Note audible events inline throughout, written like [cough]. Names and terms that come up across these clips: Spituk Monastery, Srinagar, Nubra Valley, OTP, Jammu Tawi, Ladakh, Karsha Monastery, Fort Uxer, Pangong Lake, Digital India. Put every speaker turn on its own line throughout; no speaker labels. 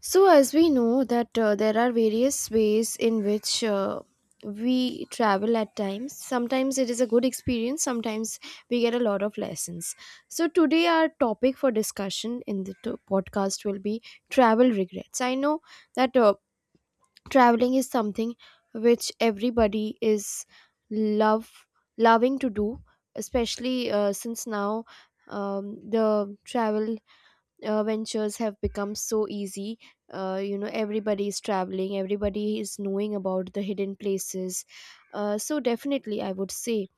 So, as we know that there are various ways in which we travel at times. Sometimes it is a good experience, sometimes we get a lot of lessons. So, today our topic for discussion in the podcast will be travel regrets. I know that traveling is something which everybody is love loving to do, especially since now the travel ventures have become so easy. You know, everybody is traveling, everybody is knowing about the hidden places. So, definitely, I would say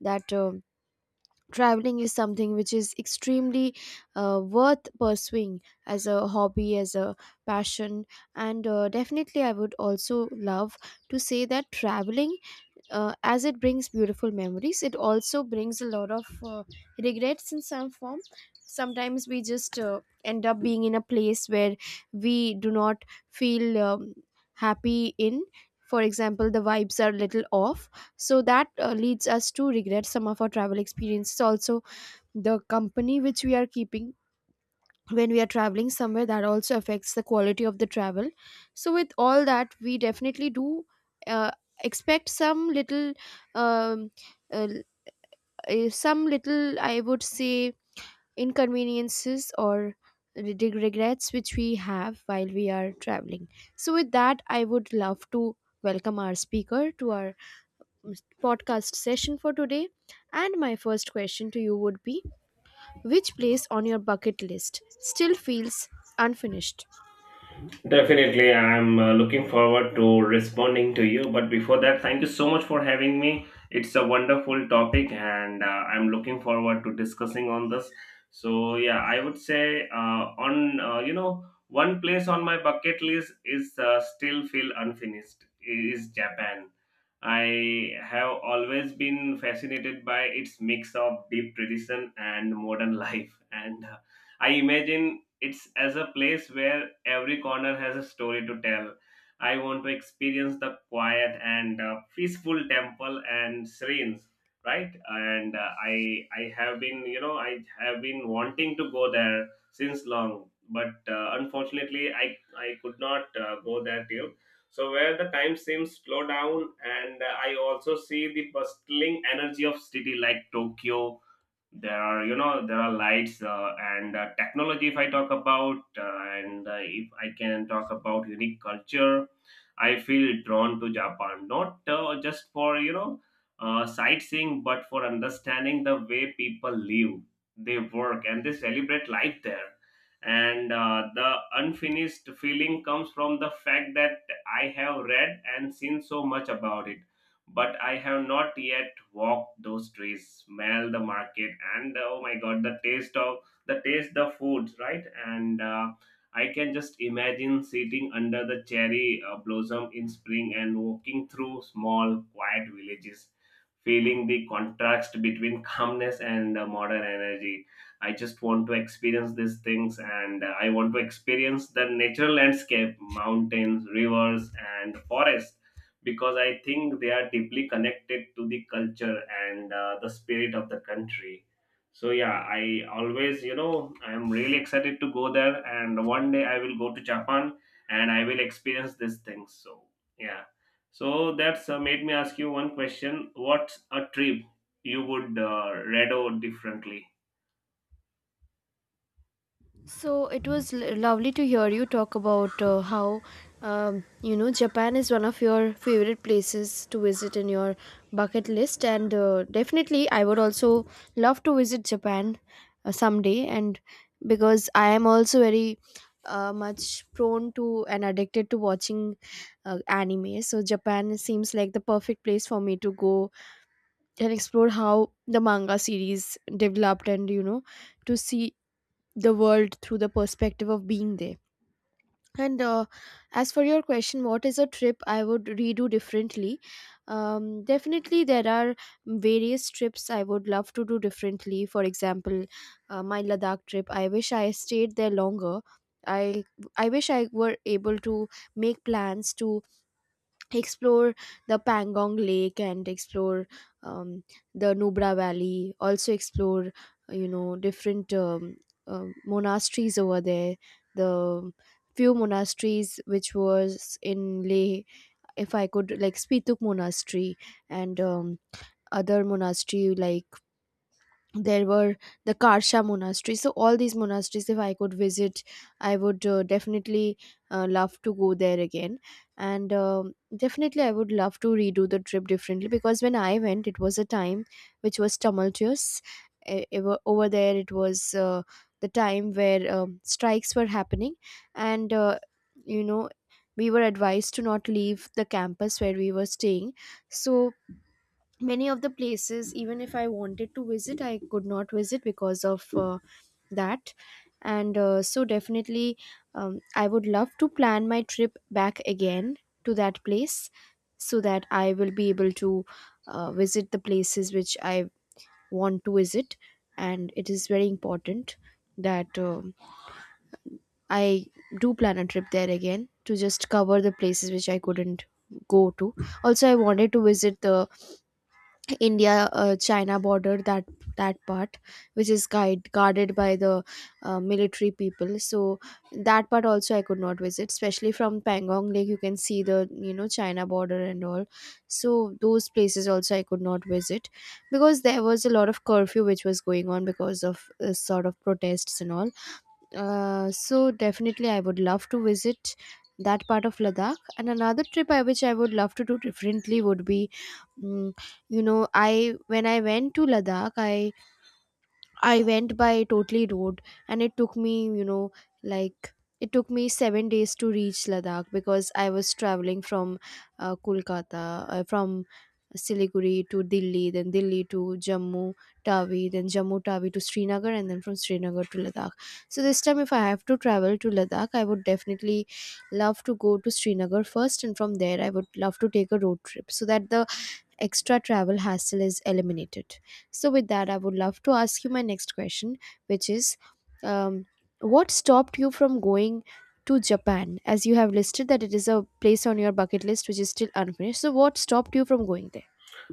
that traveling is something which is extremely worth pursuing as a hobby, as a passion. And definitely, I would also love to say that traveling, as it brings beautiful memories, it also brings a lot of regrets in some form. Sometimes we just end up being in a place where we do not feel happy in. For example, the vibes are a little off, so that leads us to regret some of our travel experiences also. The company which we are keeping when we are traveling somewhere, that also affects the quality of the travel. So with all that, we definitely do uh, expect some little um, uh, some little, I would say, inconveniences or regrets which we have while we are traveling. So with that, I would love to welcome our speaker to our um, podcast session for today, and my first question to you would be, which place on your bucket list still feels unfinished?
Definitely, I'm looking forward to responding to you. But before that, thank you so much for having me. It's a wonderful topic, and I'm looking forward to discussing on this. So yeah, I would say on you know one place on my bucket list is still feel unfinished is Japan. I have always been fascinated by its mix of deep tradition and modern [laughs] life, and I imagine it's as a place where every corner has a story to tell. I want to experience the quiet and peaceful temple and shrines, right? And I have been I have been wanting to go there since long, but unfortunately I could not go there till. So where the time seems slow down, and I also see the bustling energy of city like Tokyo, there are there are lights and technology if I talk about and if I can talk about unique culture I feel drawn to japan not just for sightseeing but for understanding the way people live, they work, and they celebrate life there. And the unfinished feeling comes from the fact that I have read and seen so much about it, but I have not yet walked those trees, smell the market, and oh my god, the taste of the foods, right? And I can just imagine sitting under the cherry blossom in spring and walking through small, quiet villages, feeling the contrast between [laughs] calmness and modern energy. I just want to experience these things, and I want to experience the natural landscape, mountains, rivers, and forests, because I think they are deeply connected to the culture and the spirit of the country. So yeah, I always, I am really excited to go there, and one day I will go to Japan and I will experience these things. So yeah, so that's made me ask you one question: what's a trip you would redo differently?
So it was lovely to hear you talk about how you know, Japan is one of your favorite places to visit in your bucket list, and definitely I would also love to visit Japan someday. And because I am also very much prone to and addicted to watching anime, so Japan seems like the perfect place for me to go and explore how the manga series developed, and you know, to see the world through the perspective of being there. And as for your question, what is a trip I would redo differently? Definitely, there are various trips I would love to do differently. For example, my Ladakh trip, I wish I stayed there longer. I I wish I were able to make plans to explore the Pangong Lake, and explore um, the Nubra Valley, also explore you know, different monasteries over there, the few monasteries which was in Leh, if I could, like Spituk Monastery, and other monastery, like, there were the Karsha Monastery. So all these monasteries, if I could visit, I would definitely love to go there again, and definitely I would love to redo the trip differently, because when I went, it was a time which was tumultuous. Over there, it was the time where strikes were happening, and you know, we were advised to not leave the campus where we were staying. So many of the places, even if I wanted to visit, I could not visit because of that. And so definitely I would love to plan my trip back again to that place, so that I will be able to visit the places which I want to visit. And it is very important that I do plan a trip there again, to just cover the places which I couldn't go to. Also, I wanted to visit the India China border, that part which is guarded by the military people. So that part also I could not visit, especially from Pangong Lake you can see the, you know, China border and all. So those places also I could not visit because there was a lot of curfew which was going on because of sort of protests and all. So definitely I would love to visit that part of Ladakh. And another trip I which I would love to do differently would be, mm, you know, I when I went to Ladakh, I went by totally road, and it took me, you know, like, it took me 7 days to reach Ladakh because I was traveling from Kolkata, from Siliguri to Delhi, then Delhi to Jammu Tawi, then Jammu Tawi to Srinagar, and then from Srinagar to Ladakh. So this time, if I have to travel to Ladakh, I would definitely love to go to Srinagar first, and from there I would love to take a road trip so that the extra travel hassle is eliminated. So, with that, I would love to ask you my next question, which is, um, what stopped you from going to Japan? As you have listed that it is a place on your bucket list which is still unfinished. So, what stopped you from going there?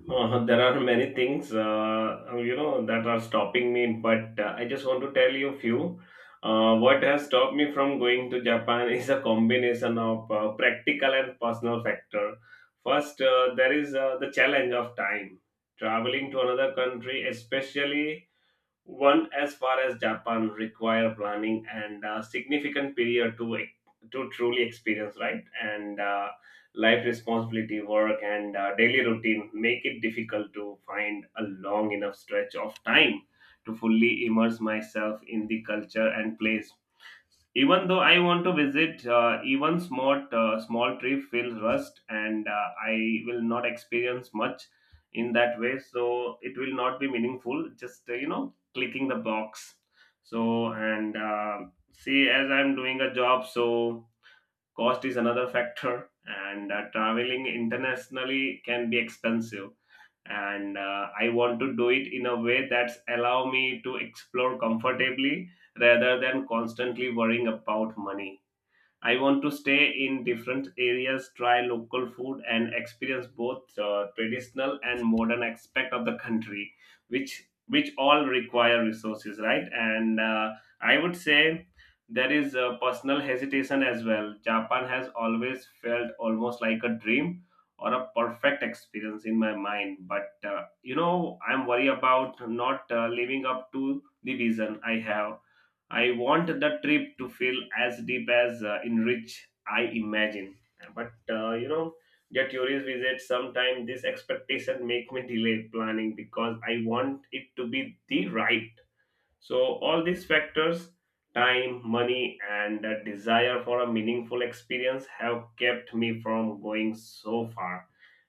There are many things, that are stopping me, but I just want to tell you a few. What has stopped me from going to Japan [laughs] is a combination of practical and personal factor. First, there is the challenge of time. Traveling to another country, especially one as far as Japan require planning and a significant period to truly experience, right? And life responsibility, work, and daily routine make it difficult to find a long enough stretch of time to fully immerse myself in the culture and place, even though I want to visit, even small trip feels rust, and I will not experience much in that way. So it will not be meaningful. Just, clicking the box. So and see, as I'm doing a job, so cost is another factor, and traveling internationally can be expensive, and I want to do it in a way that's allow me to explore comfortably rather than constantly worrying about money. I want to stay in different areas, try local food, and experience both traditional and modern aspect of the country, which all require resources, right? And I would say there is a personal hesitation as well. Japan has always felt almost like a dream or a perfect experience in my mind, but I'm worried about not living up to the vision I have. I want the trip to feel as deep as in I imagine. But the tourist visit sometimes this expectation make me delay planning because I want it to be the right. So, all these factors, time, money, and the desire for a meaningful experience have kept me from going so far.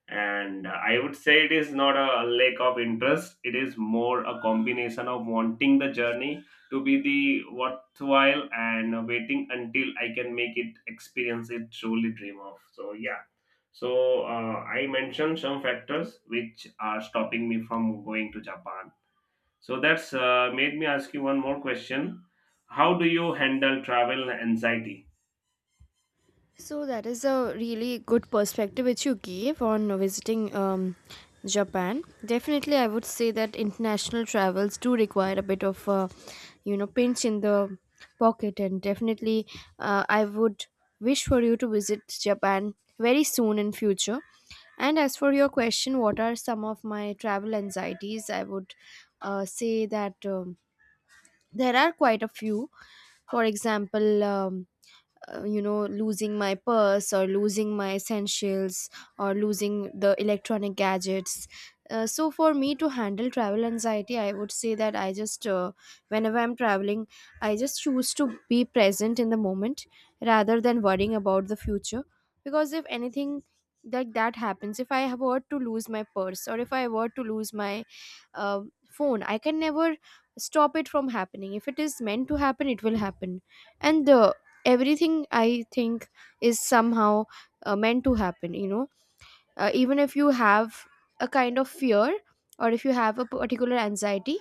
And I would say it is not a lack of interest, it is more a combination of wanting the journey to be the worthwhile and waiting until I can make it experience it truly dream of. So, yeah. So, I mentioned some factors which are stopping me from going to Japan, so that's made me ask you one more question. How do you handle travel anxiety?
So that is a really good perspective which you gave on visiting Japan. Definitely, I would say that international travels do require a bit of, you know, pinch in the pocket, and definitely, I would wish for you to visit Japan very soon in future. And as for your question, what are some of my travel anxieties? I would say that there are quite a few. For example, you know, losing my purse, or losing my essentials, or losing the electronic gadgets. So for me to handle travel anxiety, I would say that I just whenever I'm traveling, I just choose to be present in the moment rather than worrying about the future. Because if anything like that happens, if I were to lose my purse or if I were to lose my uh, phone, I can never stop it from happening. If it is meant to happen, it will happen. And everything, I think, is somehow meant to happen, you know. Even if you have a kind of fear, or if you have a particular anxiety,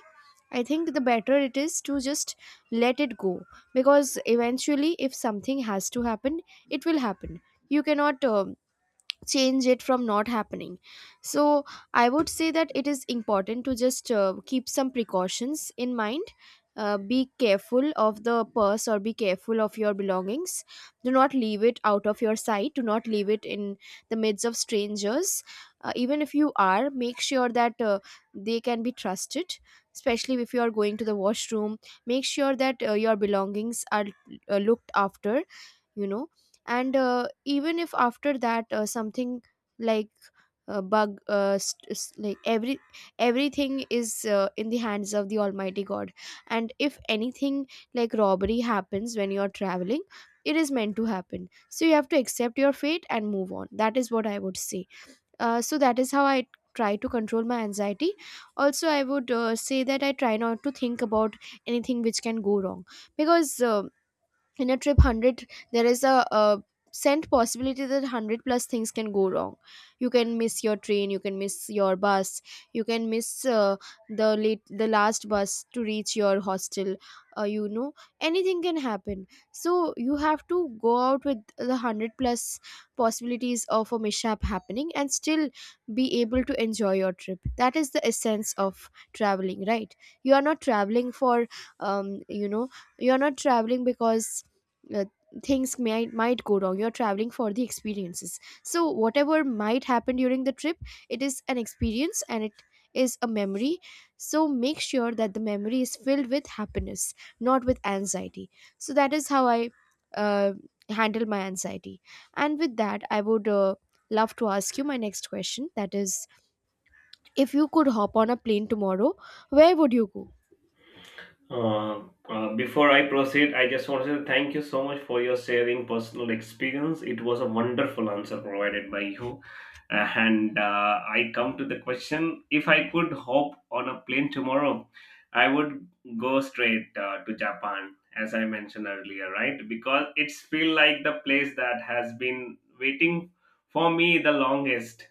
I think the better it is to just let it go, because eventually, if something has to happen, it will happen. You cannot change it from not happening. So I would say that it is important to just keep some precautions in mind. Be careful of the purse, or be careful of your belongings. Do not leave it out of your sight. Do not leave it in the midst of strangers. Even if you are, make sure that they can be trusted, especially if you are going to the washroom. Make sure that your belongings are looked after, you know. And even if after that, something like, like, everything is in the hands of the almighty god. And if anything like robbery happens when you're traveling, it is meant to happen, so you have to accept your fate and move on. That is what I would say. So that is how I try to control my anxiety. Also, I would say that I try not to think about anything which can go wrong, because in a trip, 100 there is a, cent possibility that 100 plus things can go wrong. You can miss your train, you can miss your bus, you can miss uh, the late the last bus to reach your hostel. You know, anything can happen. So you have to go out with the 100 plus possibilities of a mishap happening and still be able to enjoy your trip. That is the essence of traveling, right? You are not traveling for, you know, you are not traveling because, uh, things might go wrong. You're traveling for the experiences. So whatever might happen during the trip, it is an experience and it is a memory. So make sure that the memory is filled with happiness, not with anxiety. So that is how I uh, handle my anxiety. And with that, I would love to ask you my next question, that is, if you could hop on a plane tomorrow, where would you go?
Uh, Before I proceed, I just want to say thank you so much for your sharing personal experience. It was a wonderful answer provided by you. And I come to the question, if I could hop on a plane tomorrow, I would go straight to Japan, as I mentioned earlier, right? Because it's feel like the place that has been waiting for me the longest.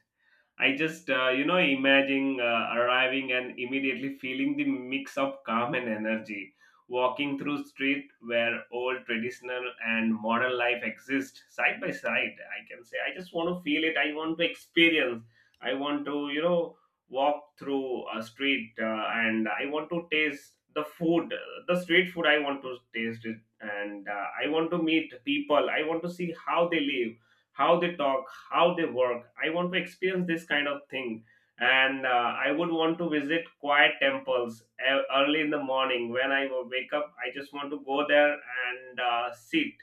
I just, imagine arriving and immediately feeling the mix of calm and energy. Walking through street where old traditional and modern life exist side by side, I can say I just want to feel it. I want to experience. I want to, walk through a street and I want to taste the food, the street food. I want to taste it, and I want to meet people. I want to see how they live, how they talk, how they work. I want to experience this kind of thing, and I would want to visit quiet temples early in the morning. When I wake up, I just want to go there and sit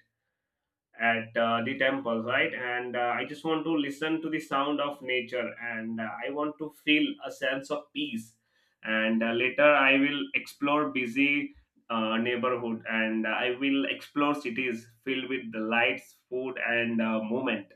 at the temple, right? And I just want to listen to the sound of nature and I want to feel a sense of peace. And later, I will explore busy neighborhood and I will explore cities filled with the lights, food, and movement.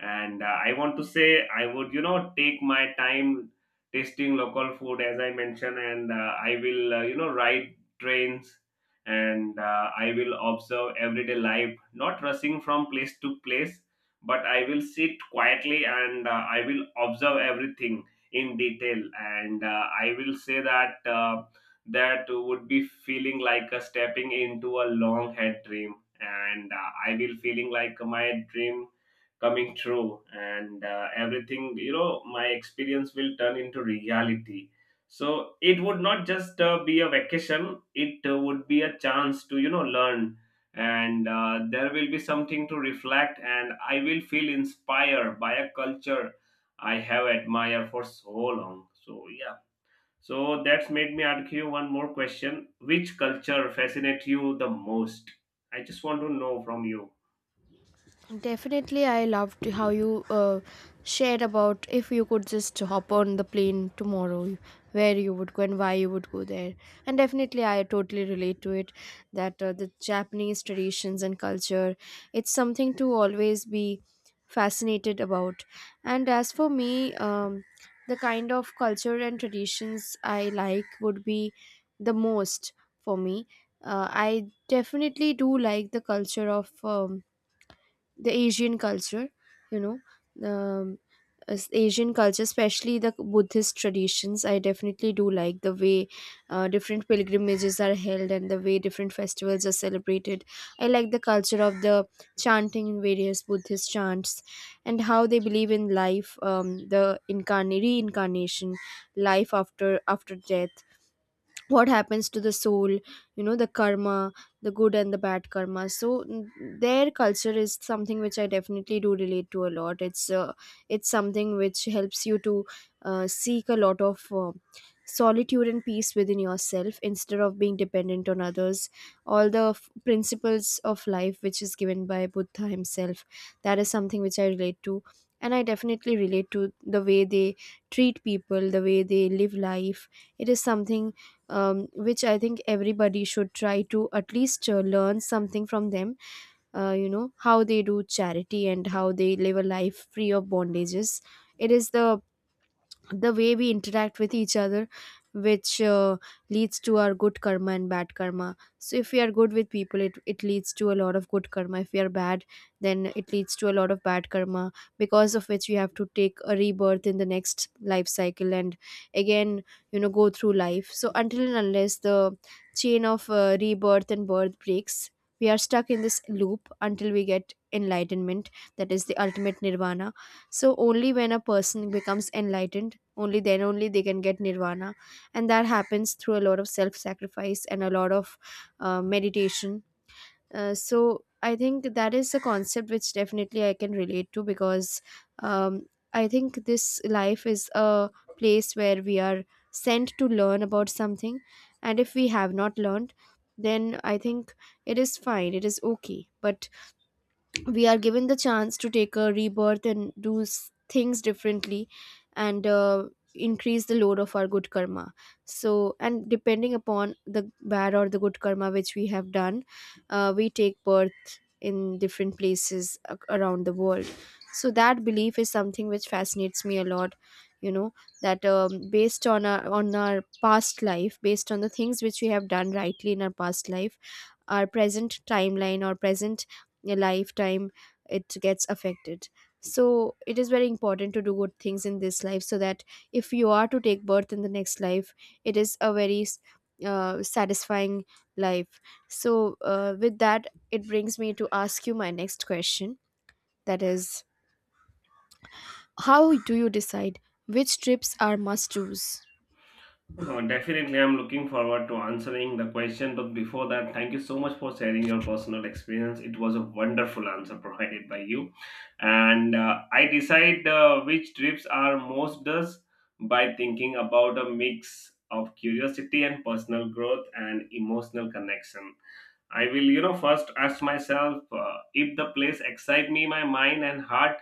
And I want to say, I would, take my time tasting local food, as I mentioned, and I will, ride trains, and I will observe everyday life, not rushing from place to place, but I will sit quietly and I will observe everything in detail. And I will say that that would be feeling like a stepping into a long head dream, and I will feeling like my dream coming true, and everything, my experience will turn into reality. So it would not just be a vacation, it would be a chance to learn, and there will be something to reflect, and I will feel inspired by a culture I have admired for so long. So yeah, so that's made me ask you one more question: which culture fascinates you the most? I just want to know from you.
Definitely, I loved how you shared about if you could just hop on the plane tomorrow, where you would go and why you would go there. And definitely, I totally relate to it, that the Japanese traditions and culture, it's something to always be fascinated about. And as for me, the kind of culture and traditions I like would be the most for me. I definitely do like the culture of. The asian culture you know um, as asian culture, especially the buddhist traditions. I definitely do like the way different pilgrimages are held and the way different festivals are celebrated. I like the culture of the chanting in various buddhist chants, and how they believe in life, the reincarnation, life after death, what happens to the soul, the karma, the good and the bad karma. So their culture is something which I definitely do relate to a lot. It's something which helps you to seek a lot of solitude and peace within yourself instead of being dependent on others. All the principles of life which is given by Buddha himself, that is something which I relate to. And I definitely relate to the way they treat people, the way they live life. It is something, which I think everybody should try to at least learn something from them. How they do charity and how they live a life free of bondages. It is the way we interact with each other which leads to our good karma and bad karma. So if we are good with people, it leads to a lot of good karma. If we are bad, then it leads to a lot of bad karma, because of which we have to take a rebirth in the next life cycle and again, go through life. So until and unless the chain of rebirth and birth breaks, we are stuck in this loop until we get enlightenment. That is the ultimate nirvana. So only when a person becomes enlightened, only then only they can get nirvana, and that happens through a lot of self sacrifice and a lot of meditation. So I think that is a concept which definitely I can relate to, because um, I think this life is a place where we are sent to learn about something, and if we have not learned, then I think it is fine, it is okay, but we are given the chance to take a rebirth and do things differently and increase the load of our good karma. So, and depending upon the bad or the good karma which we have done, we take birth in different places around the world. So that belief is something which fascinates me a lot, you know that based on our past life, based on the things which we have done rightly in our past life, our present timeline or present a lifetime, it gets affected. So it is very important to do good things in this life so that if you are to take birth in the next life, it is a very satisfying life. So with that, it brings me to ask you my next question, that is, how do you decide which trips are must do's?
Oh, definitely, I'm looking forward to answering the question. But before that, thank you so much for sharing your personal experience. It was a wonderful answer provided by you. And I decide which trips are most does by thinking about a mix of curiosity and personal growth and emotional connection. I will, first ask myself if the place excite me, my mind and heart.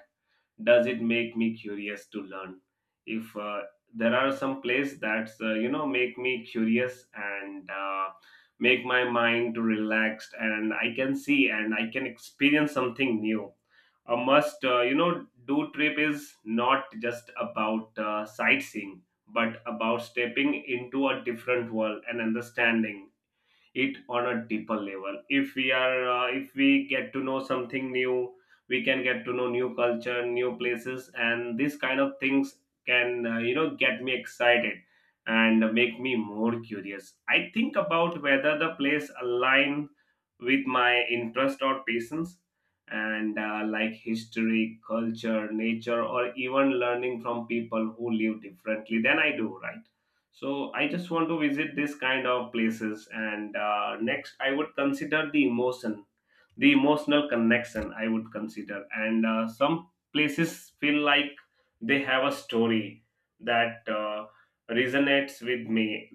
Does it make me curious to learn? If there are some plays that, make me curious and make my mind relaxed, and I can see and I can experience something new. A must do trip is not just about sightseeing, but about stepping into a different world and understanding it on a deeper level. If we are if we get to know something new, we can get to know new culture, new places, and these kind of things can, get me excited and make me more curious. I think about whether the place align with my interest or patience, and like history, culture, nature, or even learning from people who live differently than I do, right? So I just want to visit this kind of places. And next, I would consider the emotional connection I would consider, and some places feel like they have a story that resonates with me.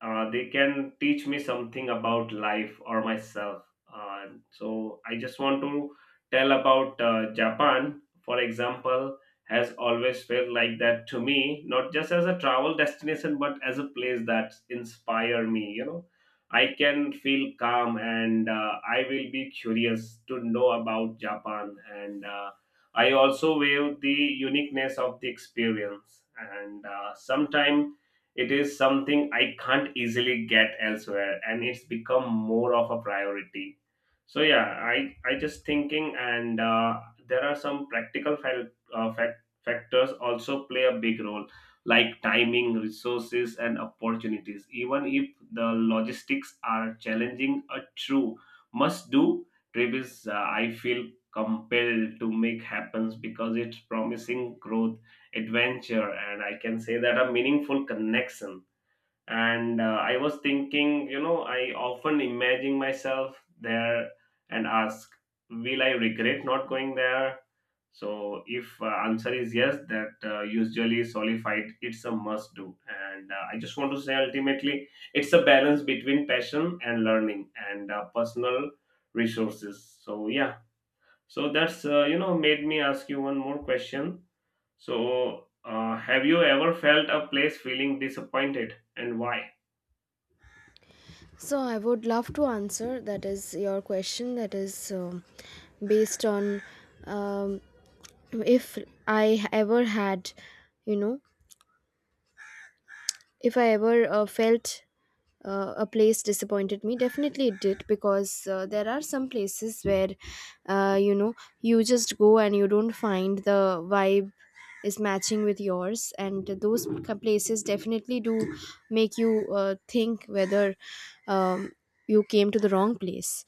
They can teach me something about life or myself. uh, so I just want to tell about japan, for example, has always felt like that to me, not just as a travel destination but as a place that inspire me. You know, I can feel calm, and I will be curious to know about Japan. And I also value the uniqueness of the experience. And sometimes it is something I can't easily get elsewhere, and it's become more of a priority. So yeah, I just thinking, and there are some practical factors also play a big role, like timing, resources, and opportunities. Even if the logistics are challenging, a true must do trip is, I feel, compelled to make happens because it's promising growth, adventure, and I can say that a meaningful connection. And I was thinking, I often imagine myself there and ask, will I regret not going there? So if answer is yes, that usually solidified it's a must do. And I just want to say ultimately it's a balance between passion and learning and personal resources. So yeah, so that's made me ask you one more question: so have you ever felt a place feeling disappointed and why?
So I would love to answer that is your question, that is, based on, um, if I ever had, you know if I ever felt a place disappointed me. Definitely it did, because there are some places where, uh, you know you just go and you don't find the vibe is matching with yours, and those places definitely do make you think whether, um, you came to the wrong place.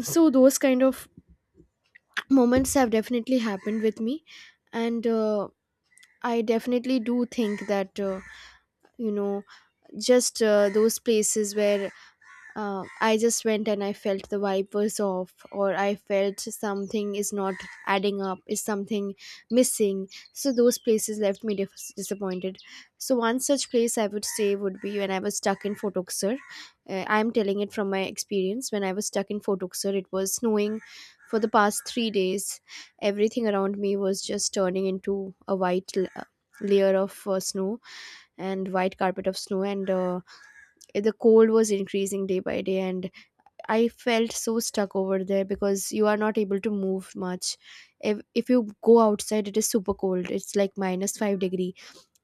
So those kind of [clears throat] moments have definitely happened with me. And I definitely do think that, you know, just those places where I just went and I felt the vibe was off, or I felt something is not adding up, is something missing. So those places left me disappointed. So one such place I would say would be when I was stuck in Fort Uxer. I'm telling it from my experience. When I was stuck in Fort Uxer, it was snowing for the past 3 days. Everything around me was just turning into a white layer of snow and white carpet of snow, and the cold was increasing day by day, and I felt so stuck over there because you are not able to move much. If you go outside, it is super cold. It's like -5 degree,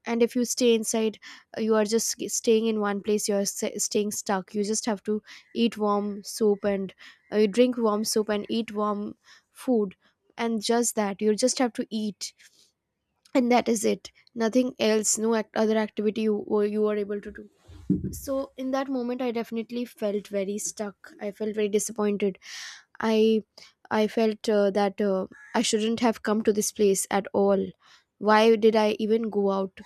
and if you stay inside, you are just staying in one place. You are staying stuck. You just have to eat warm soup and, you drink warm soup and eat warm food, and just that, you just have to eat, and that is it. Nothing else, no other activity you are able to do. So in that moment, I definitely felt very stuck. I felt very disappointed. I I felt that, I shouldn't have come to this place at all. Why did I even go out?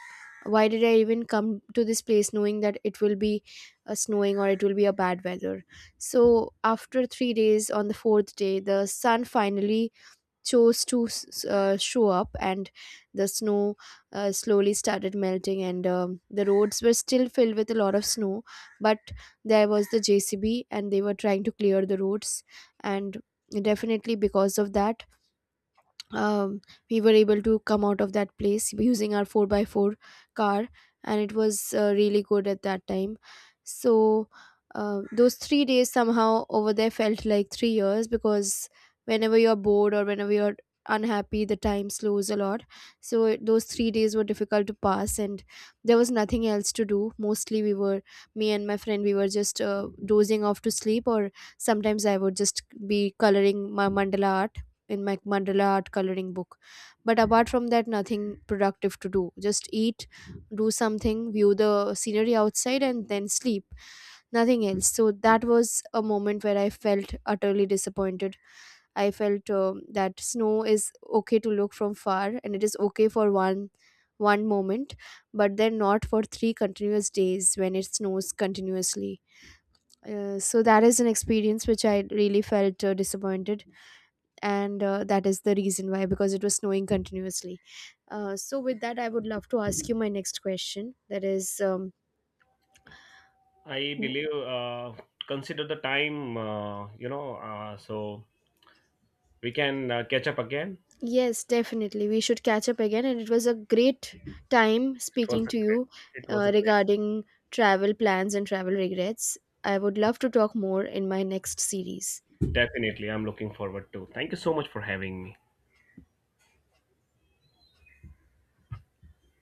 Why did I even come to this place knowing that it will be snowing or it will be a bad weather? So after 3 days, on the 4th day, the sun finally chose to show up, and the snow slowly started melting, and the roads were still filled with a lot of snow, but there was the jcb and they were trying to clear the roads. And definitely because of that, um, we were able to come out of that place using our 4 by 4 car, and it was really good at that time. So those 3 days somehow over there felt like 3 years, because whenever you're bored or whenever you're unhappy, the time slows a lot. So those 3 days were difficult to pass, and there was nothing else to do. Mostly we were, me and my friend, we were just dozing off to sleep, or sometimes I would just be coloring my mandala art in my mandala art coloring book. But apart from that, nothing productive to do, just eat, do something, view the scenery outside, and then sleep, nothing else. So that was a moment where I felt utterly disappointed. I felt, that snow is okay to look from far, and it is okay for one moment, but then not for 3 continuous days when it snows continuously. So that is an experience which I really felt disappointed, and that is the reason why, because it was snowing continuously. So with that, I would love to ask you my next question, that is,
I
w-
believe consider the time, so we can catch up again.
yes, definitely we should catch up again, and it was a great time
It was
speaking
a
to
great.
you.
It was a great.
Regarding travel plans and travel regrets, I would love to talk more in my next series.
Definitely, I'm looking forward to. Thank you so much for having me.